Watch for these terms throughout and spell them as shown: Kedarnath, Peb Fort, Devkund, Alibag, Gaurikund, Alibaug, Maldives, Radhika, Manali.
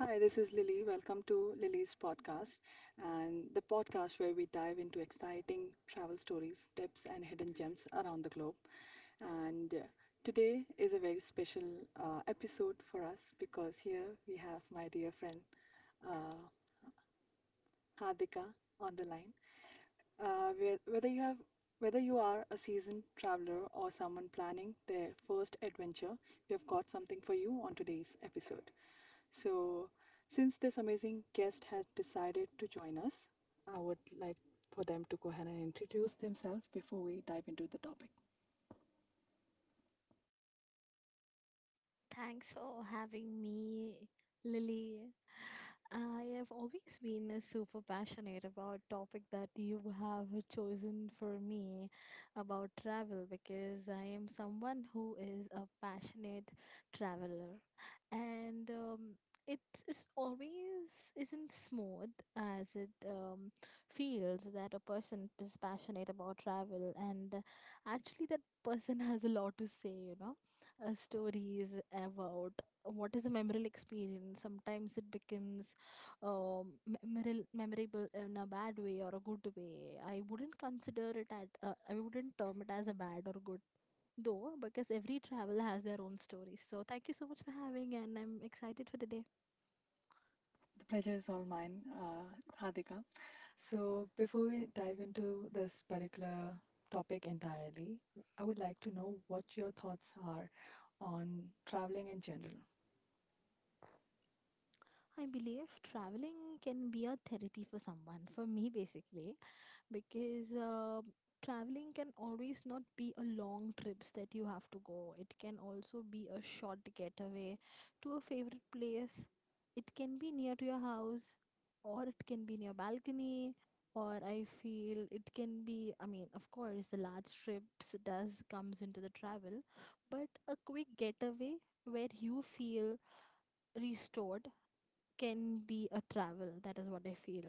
Hi, this is Lily. Welcome to Lily's podcast, and the podcast where we dive into exciting travel stories, tips, and hidden gems around the globe. And today is a very special episode for us because here we have my dear friend uh, Hadika on the line. Uh, whe- whether you have whether you are a seasoned traveler or someone planning their first adventure, we have got something for you on today's episode. So, since this amazing guest has decided to join us, I would like for them to go ahead and introduce themselves before we dive into the topic. Thanks for having me, Lily. I have always been super passionate about topic that you have chosen for me about travel because I am someone who is a passionate traveler and it is always isn't smooth as it feels that a person is passionate about travel and actually that person has a lot to say, you know, stories about what is a memorable experience. Sometimes it becomes um, memorable, in a bad way or a good way. I wouldn't consider it at I wouldn't term it as a bad or good though, because every travel has their own stories. So thank you so much for having, and I'm excited for the day. The pleasure is all mine, Radhika. So, before we dive into this particular topic entirely, I would like to know what your thoughts are on traveling in general. I believe traveling can be a therapy for someone, for me basically, because traveling can always not be a long trips that you have to go. It can also be a short getaway to a favorite place. It can be near to your house, or it can be near balcony, or I feel it can be, I mean of course the large trips does comes into the travel, but a quick getaway where you feel restored can be a travel. That is what I feel.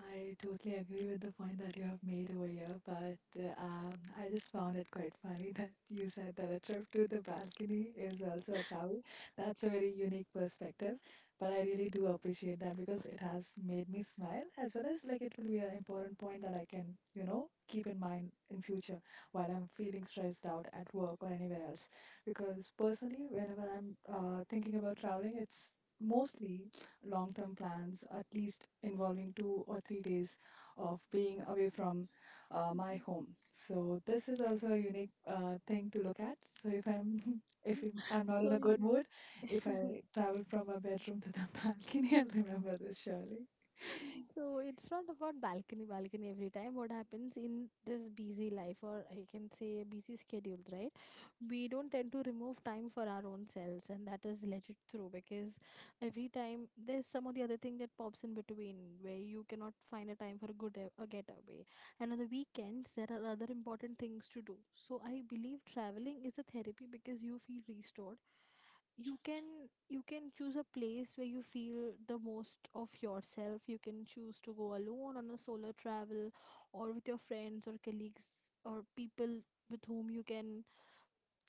I totally agree with the point that you have made over here, but I just found it quite funny that you said that a trip to the balcony is also a travel. That's a very unique perspective, but I really do appreciate that because it has made me smile, as well as like it will be an important point that I can, keep in mind in future while I'm feeling stressed out at work or anywhere else. Because personally, whenever I'm thinking about traveling, it's mostly long term plans, at least involving 2 or 3 days of being away from my home. So, this is also a unique thing to look at. So, if I'm If I'm not in So a good mood, if I travel from my bedroom to the balcony, I'll remember this surely. so it's not about balcony, balcony every time. What happens in this busy life, or I can say busy schedules, right? We don't tend to remove time for our own selves, and that is legit true because every time there's some or the other thing that pops in between where you cannot find a time for a good a getaway. And on the weekends, there are other important things to do. So I believe traveling is a therapy because you feel restored. You can you can choose a place where you feel the most of yourself. You can choose to go alone on a solo travel or with your friends or colleagues, or people with whom you can,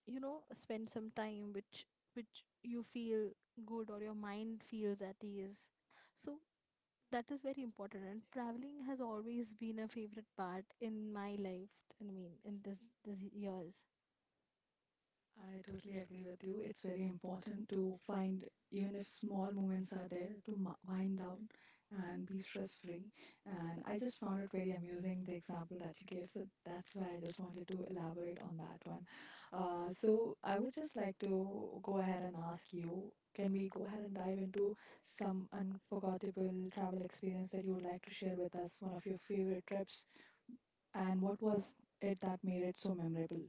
you know, spend some time which you feel good, or your mind feels at ease. So that is very important, and traveling has always been a favorite part in my life, I mean in this years. I totally agree with you. It's very important to find, even if small moments are there, to wind down and be stress free. And I just found it very amusing, the example that you gave. So that's why I just wanted to elaborate on that one. So, I would just like to go ahead and ask you, can we go ahead and dive into some unforgettable travel experience that you would like to share with us? One of your favorite trips, and what was it that made it so memorable?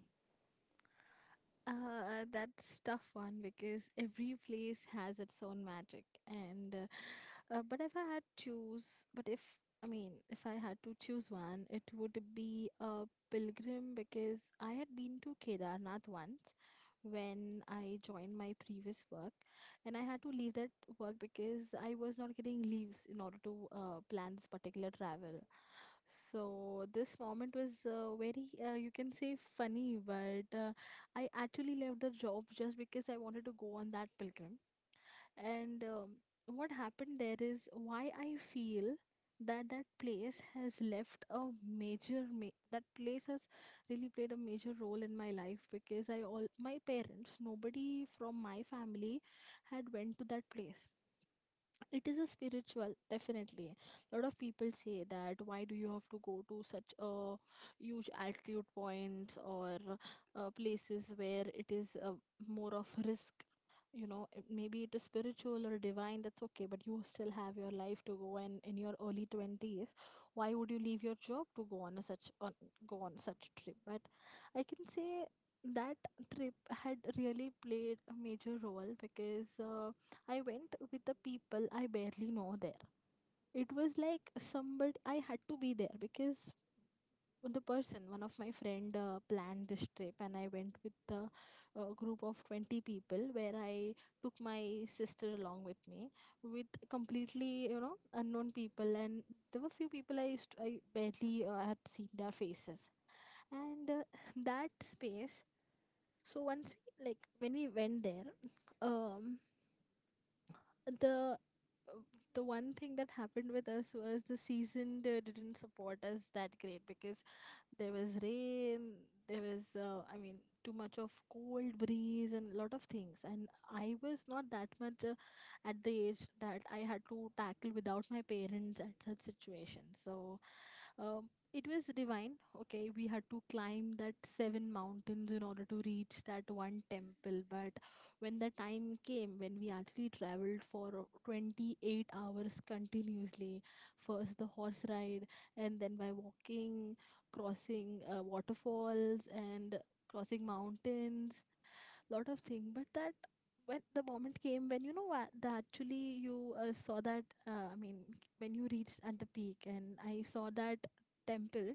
That's tough one because every place has its own magic, and but if I had choose, but if I mean, if I had to choose one, it would be a pilgrim because I had been to Kedarnath once when I joined my previous work, and I had to leave that work because I was not getting leaves in order to plan this particular travel. So this moment was very, you can say, funny, but. I actually left the job just because I wanted to go on that pilgrim. And what happened there is why I feel that that place has left a that place has really played a major role in my life, because I all my parents nobody from my family had went to that place. It is a spiritual, definitely. A lot of people say that why do you have to go to such a huge altitude points, or places where it is more of risk, you know. It- maybe it is spiritual or divine, that's okay, but you still have your life to go, and in your early 20s why would you leave your job to go on a such on go on such trip. But I can say that trip had really played a major role because I went with the people I barely know there. It was like somebody I had to be there because the person, one of my friend, planned this trip, and I went with the group of 20 people, where I took my sister along with me with completely, you know, unknown people, and there were few people I used to, I barely had seen their faces, and that space. So once we like when we went there, um the the one thing that happened with us was the season didn't support us that great, because there was rain, there was I mean too much of cold breeze and lot of things, and I was not that much at the age that I had to tackle without my parents at such situations. So it was divine. Okay, we had to climb that seven mountains in order to reach that one temple. But when the time came, when we actually traveled for 28 hours continuously, first the horse ride, and then by walking, crossing waterfalls, and crossing mountains, lot of things. But that when the moment came, when you know what the actually you saw that I mean when you reached at the peak and I saw that temple,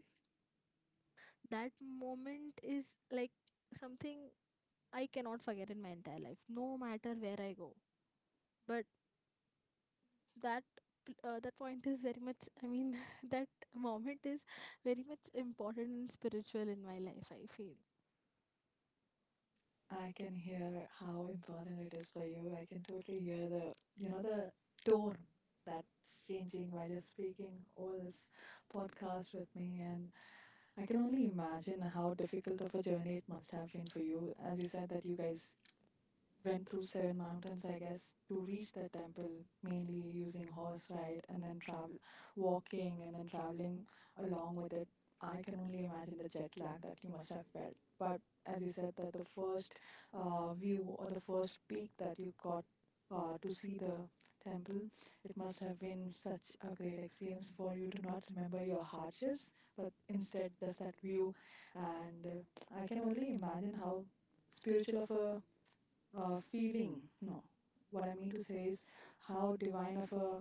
that moment is like something I cannot forget in my entire life no matter where I go. But that that point is very much, I mean that moment is very much important and spiritual in my life, I feel. I can hear how important it is for you. I can totally hear the tone that's changing while you're speaking over this podcast with me. And I can only imagine how difficult of a journey it must have been for you. As you said, that you guys went through seven mountains, I guess, to reach the temple, mainly using horse ride and then travel, walking, and then traveling along with it. I can only imagine the jet lag that you must have felt. But as you said, that the first view, or the first peak that you got to see the temple, it must have been such a great experience for you to not remember your hardships, but instead just that view. And I can only imagine how spiritual of a feeling. No, what I mean to say is how divine of a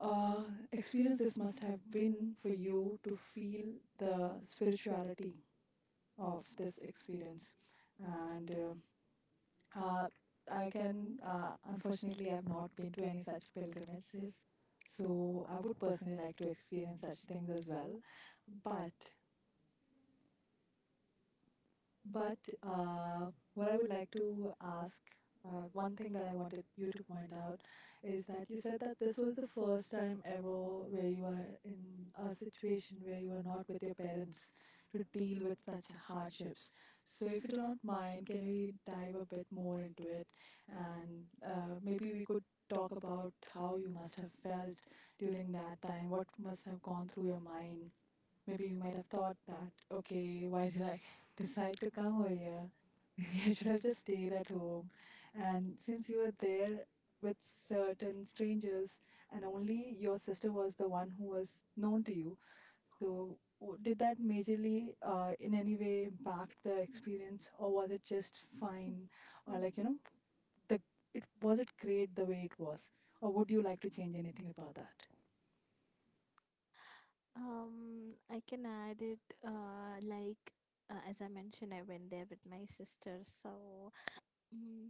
uh, experience this must have been for you to feel the spirituality of this experience. And uh, unfortunately, I've not been to any such pilgrimages. So I would personally like to experience such things as well. But But uh, what I would like to ask, one thing that I wanted you to point out, is that you said that this was the first time ever where you were in a situation where you were not with your parents to deal with such hardships. So, if you do not mind, can we dive a bit more into it? And maybe we could talk about how you must have felt during that time, what must have gone through your mind. Maybe you might have thought that, okay, why did I decide to come over here? Maybe I should have just stayed at home. And since you were there with certain strangers and only your sister was the one who was known to you, so did that majorly in any way impact the experience, or was it just fine? Or like, the it was, it great the way it was? Or would you like to change anything about that? I can add it like as I mentioned, I went there with my sister. So mm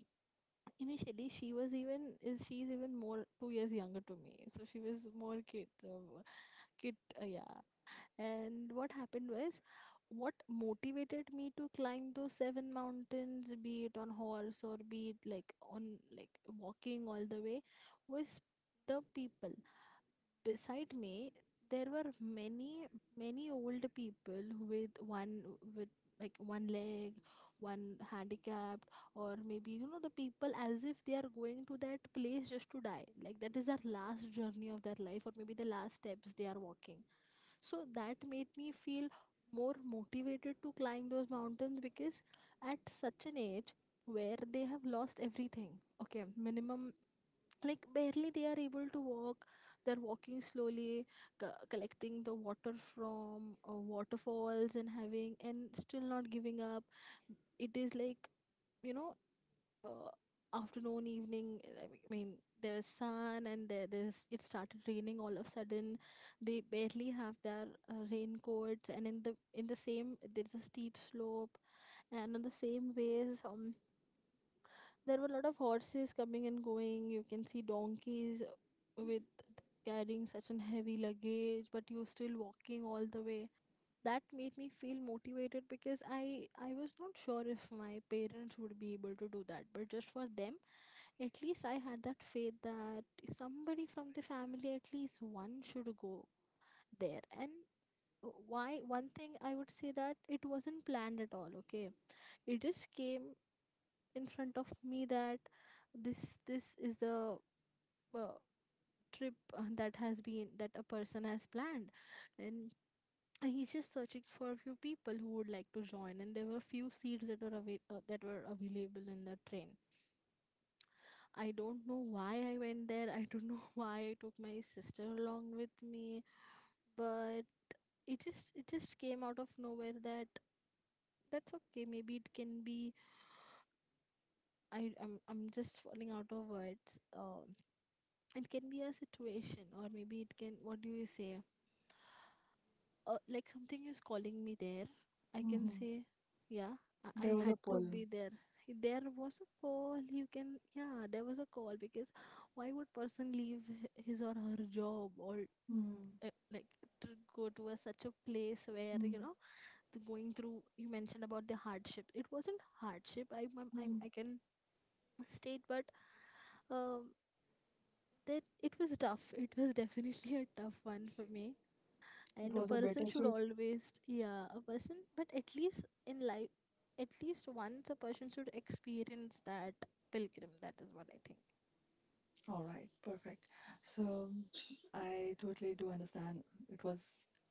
initially, she's even more 2 years younger to me. So she was more kid, kid, yeah. And what happened was, what motivated me to climb those seven mountains, be it on horse or be it like on like walking all the way, was the people beside me. There were many many old people with one, with like one leg, one handicapped, or maybe you know, the people as if they are going to that place just to die, like that is their last journey of their life, or maybe the last steps they are walking. So that made me feel more motivated to climb those mountains, because at such an age where they have lost everything, okay minimum, like barely they are able to walk, they're walking slowly, collecting the water from waterfalls and having and still not giving up. It is like, you know, uh, afternoon evening, I mean there's sun and there's it started raining all of a sudden. They barely have their raincoats, and in the same there's a steep slope, and on the same ways there were a lot of horses coming and going, you can see donkeys with carrying such an heavy luggage, but you are still walking all the way. That made me feel motivated, because I was not sure if my parents would be able to do that, but just for them at least I had that faith that if somebody from the family at least one should go there. And why one thing I would say, that it wasn't planned at all, okay. It just came in front of me that this is the uh, trip that has been that a person has planned, and he's just searching for a few people who would like to join, and there were few seats that were that were available in the train. I don't know why I went there, I don't know why I took my sister along with me. But it just came out of nowhere that that's okay, maybe it can be, I'm just falling out of words, it can be a situation, or maybe it can, what do you say, like something is calling me there, I can Hmm. say. Yeah, I There was a had to pull. be there. There was a call, you can, yeah there was a call. Because why would person leave his or her job, or like to go to a such a place where, Mm-hmm. you know, the going through, you mentioned about the hardship. It wasn't hardship, I can state, but um that it was tough. It was definitely a tough one for me. It And a was a person should bittersweet. always, yeah a person, but at least in life, at least once a person should experience that pilgrim. That is what I think. All right, perfect. So I totally do understand. It was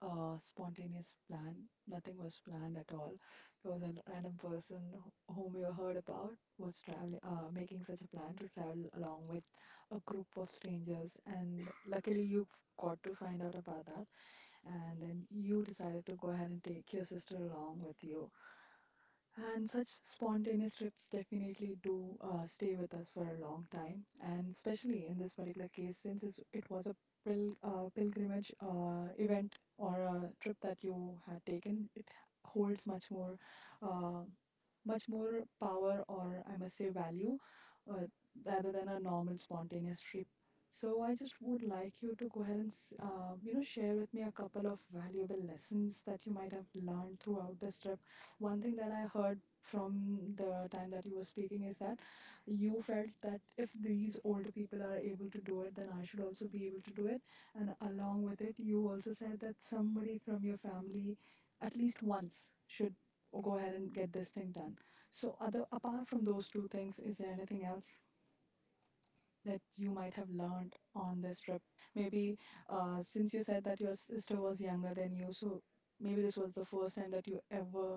a spontaneous plan. Nothing was planned at all. There was a random person whom you heard about was traveling, making such a plan to travel along with a group of strangers, and luckily you got to find out about that, and then you decided to go ahead and take your sister along with you. And such spontaneous trips definitely do stay with us for a long time. And especially in this particular case, since it was a pilgrimage event or a trip that you had taken, it holds much more uh, much more power, or I must say value, uh, rather than a normal spontaneous trip. So I just would like you to go ahead and share with me a couple of valuable lessons that you might have learned throughout this trip. One thing that I heard from the time that you were speaking is that you felt that if these older people are able to do it, then I should also be able to do it. And along with it, you also said that somebody from your family at least once should go ahead and get this thing done. So, other apart from those two things, is there anything else that you might have learned on this trip? Maybe since you said that your sister was younger than you, so maybe this was the first time that you ever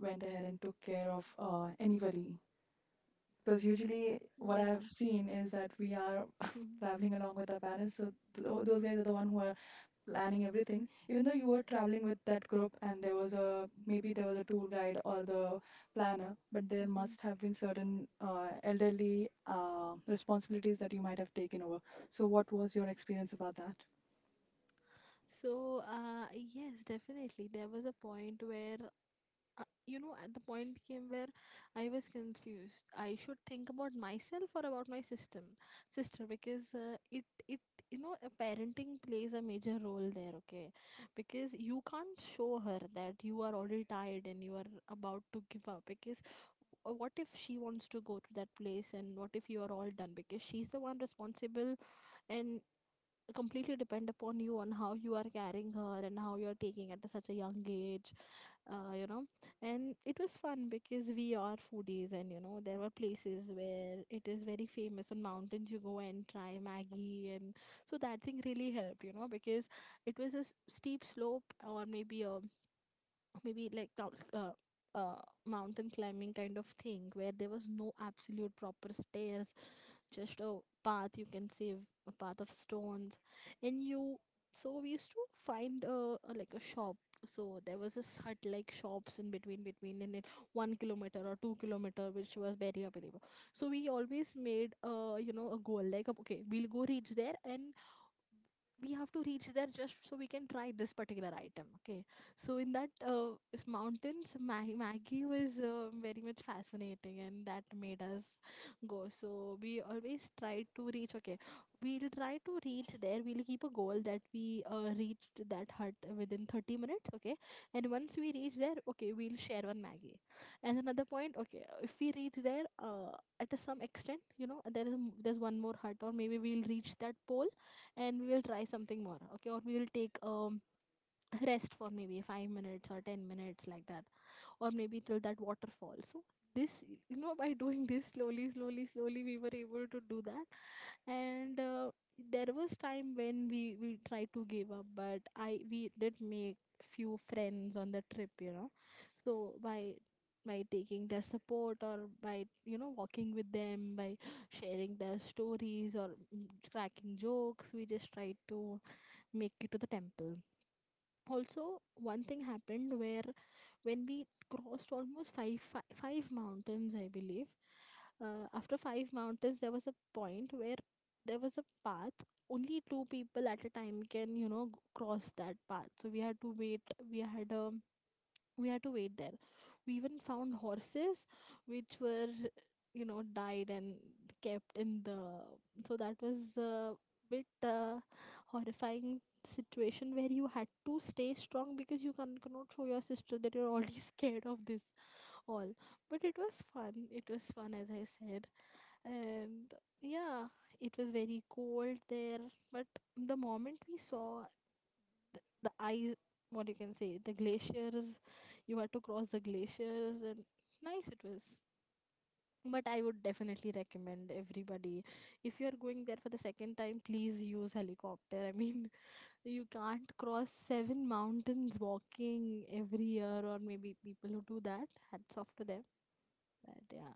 went ahead and took care of anybody. Because usually, what Yeah. I've seen is that we are Mhm. traveling along with our parents, so those guys are the one who are planning everything. Even though you were traveling with that group and there was a maybe there was a tour guide or the planner, but there Mhm. must have been certain elderly responsibilities that you might have taken over. So what was your experience about that? So yes, definitely there was a point where at the point came where I was confused I should think about myself or about my system sister because it it you know, parenting plays a major role there. Okay, because you can't show her that you are already tired and you are about to give up. Because what if she wants to go to that place and what if you are all done, because she's the one responsible and completely depend upon you on how you are carrying her and how you are taking at such a young age. uh, you know and it was fun because we are foodies, and you know, there were places where it is very famous on mountains you go and try maggie. And so that thing really helped, you know, because it was a steep slope, or maybe a maybe like mountain climbing kind of thing where there was no absolute proper stairs, just a path you can save, a path of stones. And you, so we used to find a like a shop. So there was this hut like shops in between in it, 1 kilometer or 2 kilometer, which was very available. So we always made, uh, you know, a goal like, okay, we'll go reach there, and we have to reach there just so we can try this particular item. Okay, so in that, mountains, maggie was very much fascinating, and that made us go. So we always try to reach, okay, we'll try to reach there, we'll keep a goal that we reached that hut within 30 minutes, okay. And once we reach there, okay, we'll share one maggie. And another point, okay, if we reach there, at a some extent, you know, there is there's one more hut, or maybe we'll reach that pole, and we will try something more. Okay, or we will take rest for maybe 5 minutes or 10 minutes like that, or maybe till that waterfall. So this, you know, by doing this slowly slowly slowly, we were able to do that. And there was time when we tried to give up, but I we did make few friends on the trip, you know. So by by taking their support, or by you know walking with them, by sharing their stories, or cracking jokes, we just tried to make it to the temple. Also one thing happened where when we crossed almost five mountains, I believe. After five mountains, there was a point where there was a path only two people at a time can, you know, cross that path, so we had to wait. we had a we had to wait there. We even found horses which were, you know, died and kept in the. So that was a bit horrifying situation where you had to stay strong, because you cannot show your sister that you're already scared of this all. But it was fun, it was fun, as I said. And yeah, it was very cold there. But the moment we saw the ice, what you can say, the glaciers, you had to cross the glaciers, and nice it was. But I would definitely recommend everybody, if you are going there for the second time, please use helicopter, I mean, you can't cross seven mountains walking every year, or maybe people who do that, hats off to them. But yeah.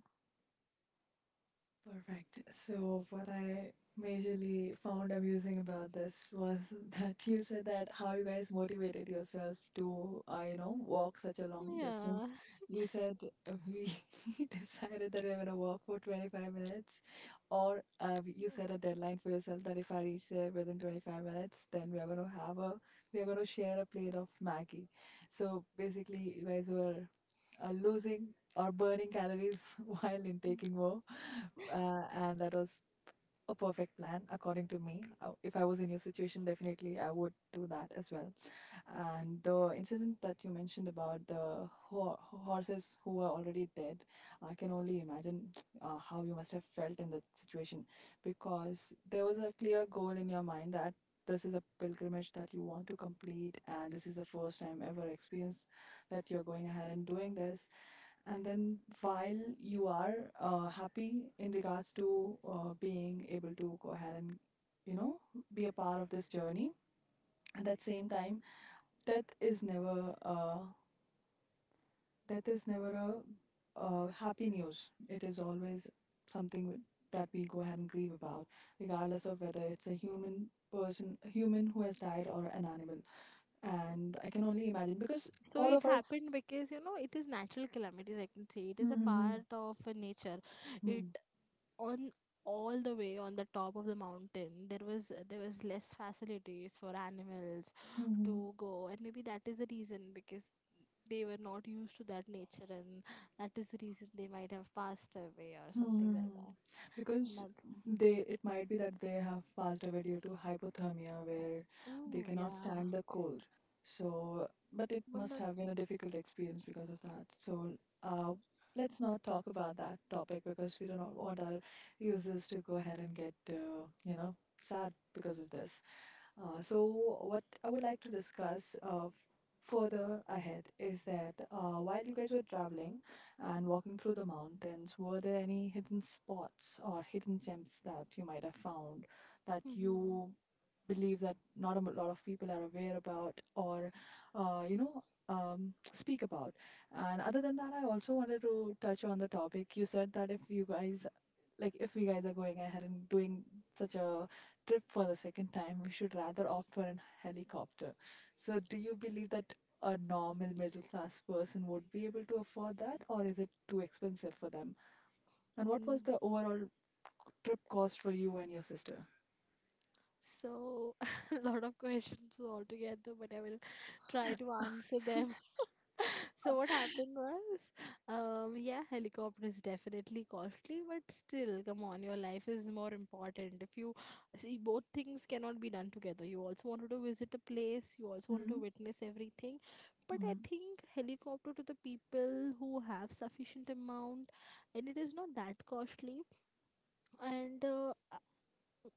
Perfect. So, what I majorly found amusing about this was that you said that how you guys motivated yourself to, walk such a long Yeah, distance. You said we decided that we are going to walk for 25 minutes, or you set a deadline for yourself that if I reach there within 25 minutes, then we are going to we are going to share a plate of Maggie. So, basically, you guys were losing or burning calories while intaking more. And that was a perfect plan, according to me. If I was in your situation, definitely I would do that as well. And the incident that you mentioned about the horses who are already dead, I can only imagine how you must have felt in that situation, because there was a clear goal in your mind that this is a pilgrimage that you want to complete and this is the first time ever experience that you're going ahead and doing this. And then while you are happy in regards to being able to go ahead and you know be a part of this journey, at that same time, death is never death is never a happy news. It is always something that we go ahead and grieve about, regardless of whether it's a human, person, human who has died, or an animal. And I can only imagine because so all it of us happened because, you know, it is natural calamities, I can say, it is a part of nature. It on All the way on the top of the mountain, there was less facilities for animals to go, and maybe that is the reason. Because they were not used to that nature, and that is the reason they might have passed away or something like that. Hmm. Because That's they, it might be that they have passed away due to hypothermia, where they Mm, cannot yeah. stand the cold. So, but it but must that's have been a difficult experience because of that. So, uh, let's not talk about that topic because we do not want our users to go ahead and get, sad because of this. So, what I would like to discuss further ahead is that while you guys were traveling and walking through the mountains, were there any hidden spots or hidden gems that you might have found that Mm-hmm. you believe that not a lot of people are aware about or uh, you know speak about? And other than that, I also wanted to touch on the topic. You said that if you guys like if we guys are going ahead and doing such a trip for the second time, we should rather opt for an helicopter. So, do you believe that a normal middle class person would be able to afford that, or is it too expensive for them? And what was the Mm. overall trip cost for you and your sister? So, a lot of questions altogether, but I will try to answer them. So, what happened was, yeah, helicopter is definitely costly, but still, come on, your life is more important. If you see, both things cannot be done together. You also wanted to visit a place, you also wanted to Mm, witness everything. But I mm, think helicopter to the people who have sufficient amount, and it is not that costly. And uh,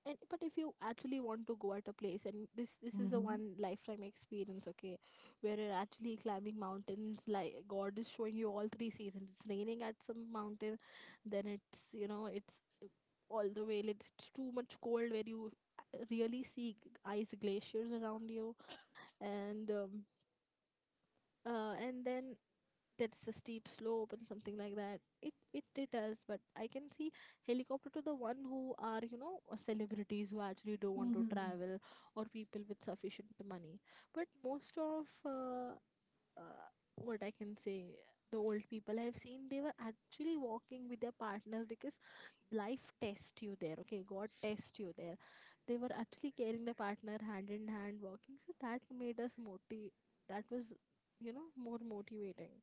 and but if you actually want to go at a place, and this is a mhm, one lifetime experience, okay, where you're actually climbing mountains, like god is showing you all three seasons, it's raining at some mountain, then it's, you know, it's all the way it's too much cold, where you really see ice glaciers around you. And and then that's a steep slope and something like that, it does. But I can see helicopter to the one who are, you know, celebrities who actually don't want to mhm, travel, or people with sufficient money. But most of uh, what I can say, the old people I have seen, they were actually walking with their partners, because life test you there, okay, god test you there. They were actually carrying the partner hand in hand walking, so that made us motive. That was, you know, more motivating.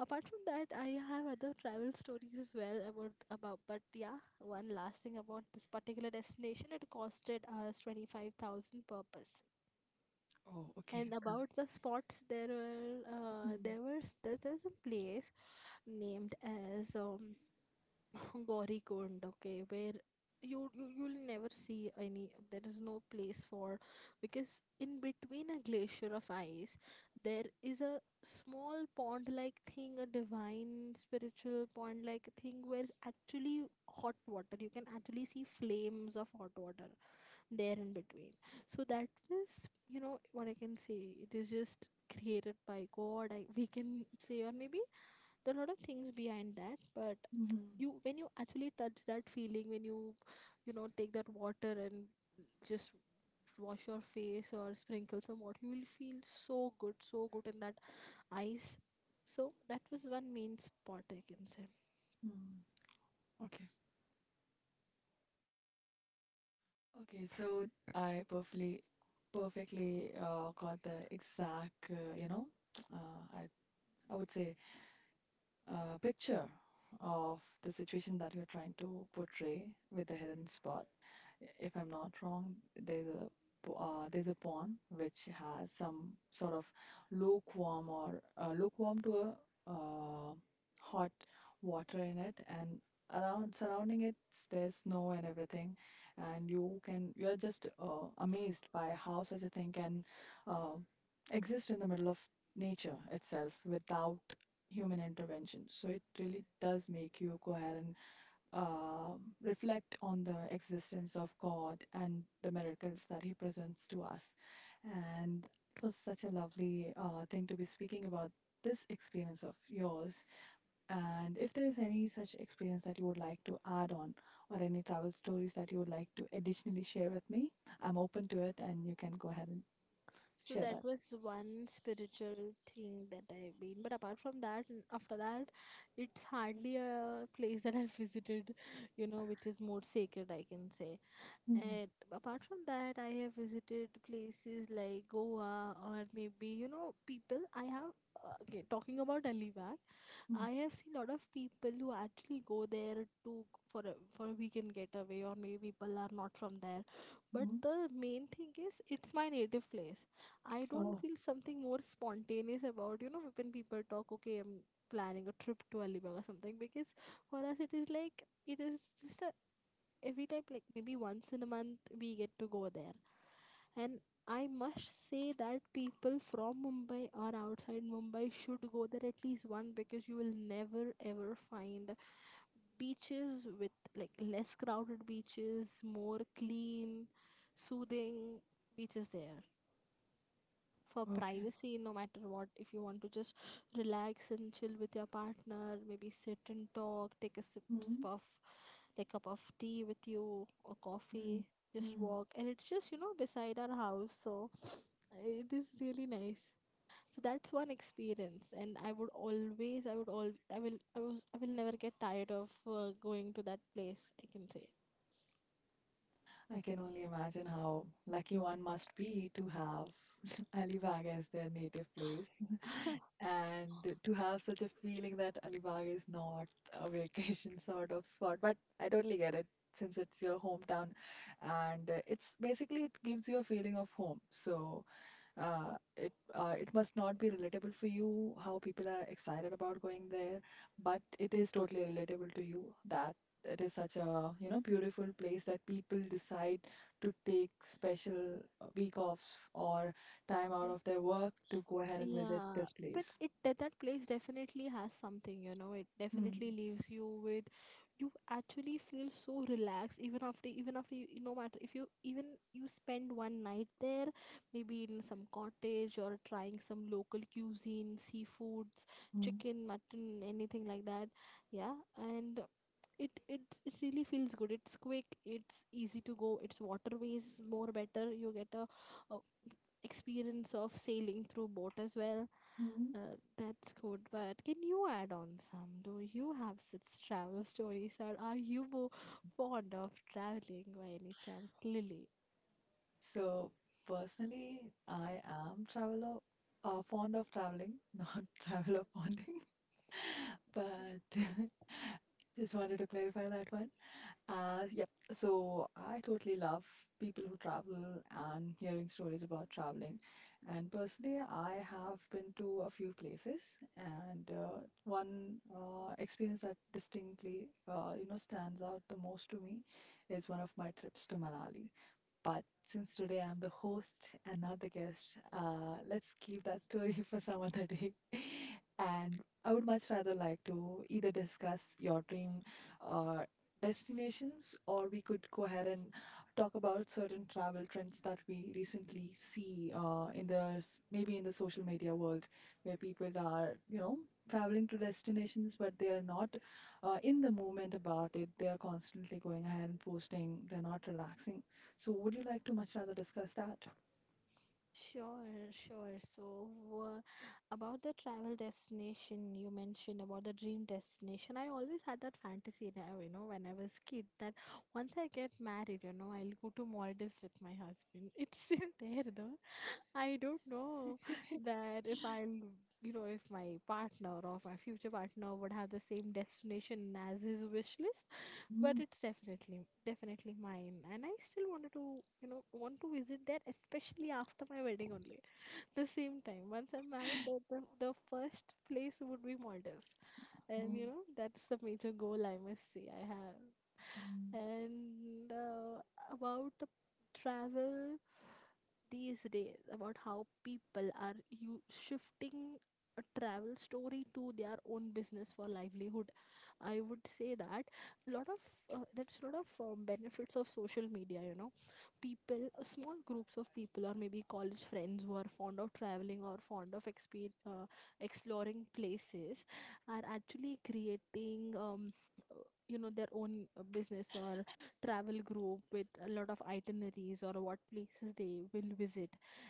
Apart from that, I have other travel stories as well about. But yeah, one last thing about this particular destination, it costed us 25,000 per person. oh, And okay. Got it. about the spots, there were, Mhm, there's a place named as Gaurikund, okay, where you'll never see any, there is no place for. Because in between a glacier of ice, there is a small pond like thing, a divine spiritual pond like thing, where actually hot water, you can actually see flames of hot water there in between. So that was, you know, what I can say, it is just created by god, we can say, or maybe there are a lot of things behind that. But mhm, you, when you actually touch that feeling, when you know, take that water, and just wash your face or sprinkle some water, you will feel so good, so good, in that ice. So that was one main spot, I can say. mhm. Okay. Okay. So I perfectly got the exact, uh, I, I would say picture of the situation that you're trying to portray with the hidden spot. If I'm not wrong, there's a pawn which has some sort of lukewarm or lukewarm to a uh, hot water in it, and around surrounding it there's snow and everything, and you are just amazed by how such a thing can uh, exist in the middle of nature itself without human intervention. So it really does make you coherent, uh, reflect on the existence of God and the miracles that He presents to us. And it was such a lovely thing to be speaking about this experience of yours. And if there is any such experience that you would like to add on, or any travel stories that you would like to additionally share with me, I'm open to it, and you can go ahead and So share that that. was one spiritual thing that I've been. But apart from that, after that, it's hardly a place that I've visited, you know, which is more sacred, I can say. Mm, And apart from that, I have visited places like Goa, or maybe, you know, people. I have, okay, talking about Alibaug, mm, I have seen a lot of people who actually go there to, for for a weekend getaway, or maybe people are not from there. But mm. the main thing is, it's my native place. I don't Oh, feel something more spontaneous about, you know, when people talk, okay, I'm planning a trip to Alibaug or something, because for us it is like, it is just a every time, like maybe once in a month we get to go there. And I must say that people from Mumbai or outside Mumbai should go there at least one, because you will never ever find beaches with like less crowded beaches, more clean, soothing beaches there. For okay. privacy, no matter what, if you want to just relax and chill with your partner, maybe sit and talk, take a sip of like cup of tea with you or Mm, coffee, just mm. walk, and it's just, you know, beside our house, so it is really nice. So that's one experience, and I would always I would all I will I was I will never get tired of going to that place, I can say. I can only imagine how lucky one must be to have Alibag as their native place and to have such a feeling that Alibag is not a vacation sort of spot. But I totally get it since it's your hometown and it's basically it gives you a feeling of home. So it must not be relatable for you how people are excited about going there, but it is totally relatable to you that it is such a, you know, beautiful place that people decide to take special week offs or time out of their work to go ahead and visit Yeah, this but place. it that, that place definitely has something, you know. It Hmm. definitely leaves you with, you actually feel so relaxed even after, you, no matter if you even you spend one night there, maybe in some cottage, or trying some local cuisine, seafoods, Hmm. chicken, mutton, anything like that. Yeah, and it really feels good. It's quick, it's easy to go. It's waterways more better. You get a experience of sailing through boat as well. Hmm. That's good. But can you add on some? Do you have such travel stories, or are you more fond of traveling by any chance, Lily? So personally I am traveler, fond of traveling, not traveler fonding, but just wanted to clarify that one. Yep. So I totally love people who travel and hearing stories about traveling. And personally, I have been to a few places, and one experience that distinctly stands out the most to me is one of my trips to Manali. But since today I'm the host and not the guest, let's keep that story for some other day. And I would much rather like to either discuss your dream uh, destinations, or we could go ahead and talk about certain travel trends that we recently see maybe in the social media world, where people are, you know, traveling to destinations but they are not in the movement about it. They are constantly going ahead and posting, they're not relaxing. So, would you like to much rather discuss that? Sure, sure. So, uh, about the travel destination, you mentioned about the dream destination. I always had that fantasy now, you know, when I was kid, that once I get married, you know, I'll go to Maldives with my husband. It's still there though. I don't know that if I'll, you know, if my partner or if my future partner would have the same destination as his wish list, but Mm, it's definitely definitely mine, and I still wanted to, you know, want to visit there, especially after my wedding only, the same time. Once I'm married, the first place would be Maldives. And mm, you know, that's the major goal I must say I have. mm. And about the travel these days, about how people are you shifting a travel story to their own business for livelihood. I would say that a lot of there's a lot of benefits of social media, you know, people, small groups of people, or maybe college friends who are fond of traveling, or fond of exploring places, are actually creating you know, their own business or travel group with a lot of itineraries or what places they will visit,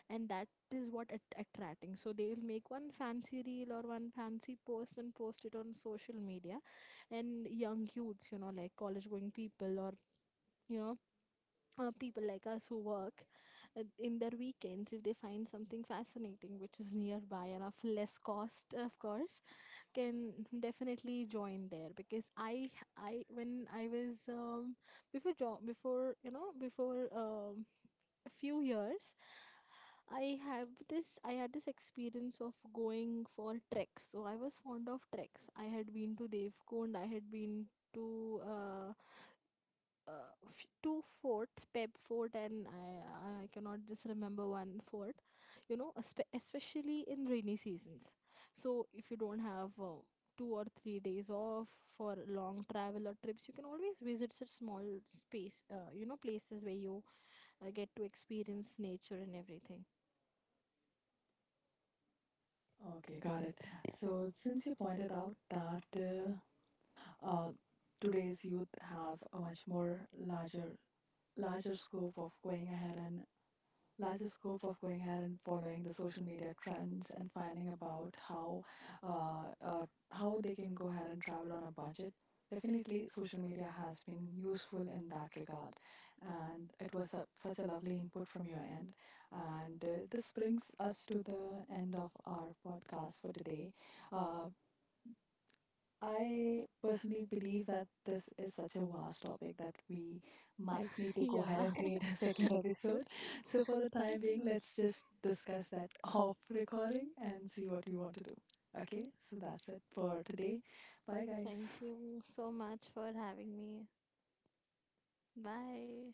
and that is what attracting. So they will make one fancy reel or one fancy post and post it on social media, and young youths, you know, like college going people, or you know, people like us who work in their weekends, if they find something fascinating which is nearby and of less cost of course, can definitely join there. Because I when I was before job, before you know, before a few years, I have this, I had this experience of going for treks. So I was fond of treks. I had been to Devkund, I had been to two forts, Peb Fort, and I cannot just remember one fort, you know, especially in rainy seasons. So, if you don't have 2 or 3 days off for long travel or trips, you can always visit such small space, you know, places where you get to experience nature and everything. Okay, got it. So, since you pointed out that uh, today's youth have a much more larger scope of going ahead and larger scope of going ahead and following the social media trends and finding about uh, uh, how they can go ahead and travel on a budget, definitely social media has been useful in that regard. And it was a such a lovely input from your end, and this brings us to the end of our podcast for today. uh, I personally believe that this is such a vast topic that we might need to go ahead Yeah. and create a second episode. So, for the time being, let's just discuss that off recording and see what we want to do. Okay, so that's it for today. Bye, guys. Thank you so much for having me. Bye.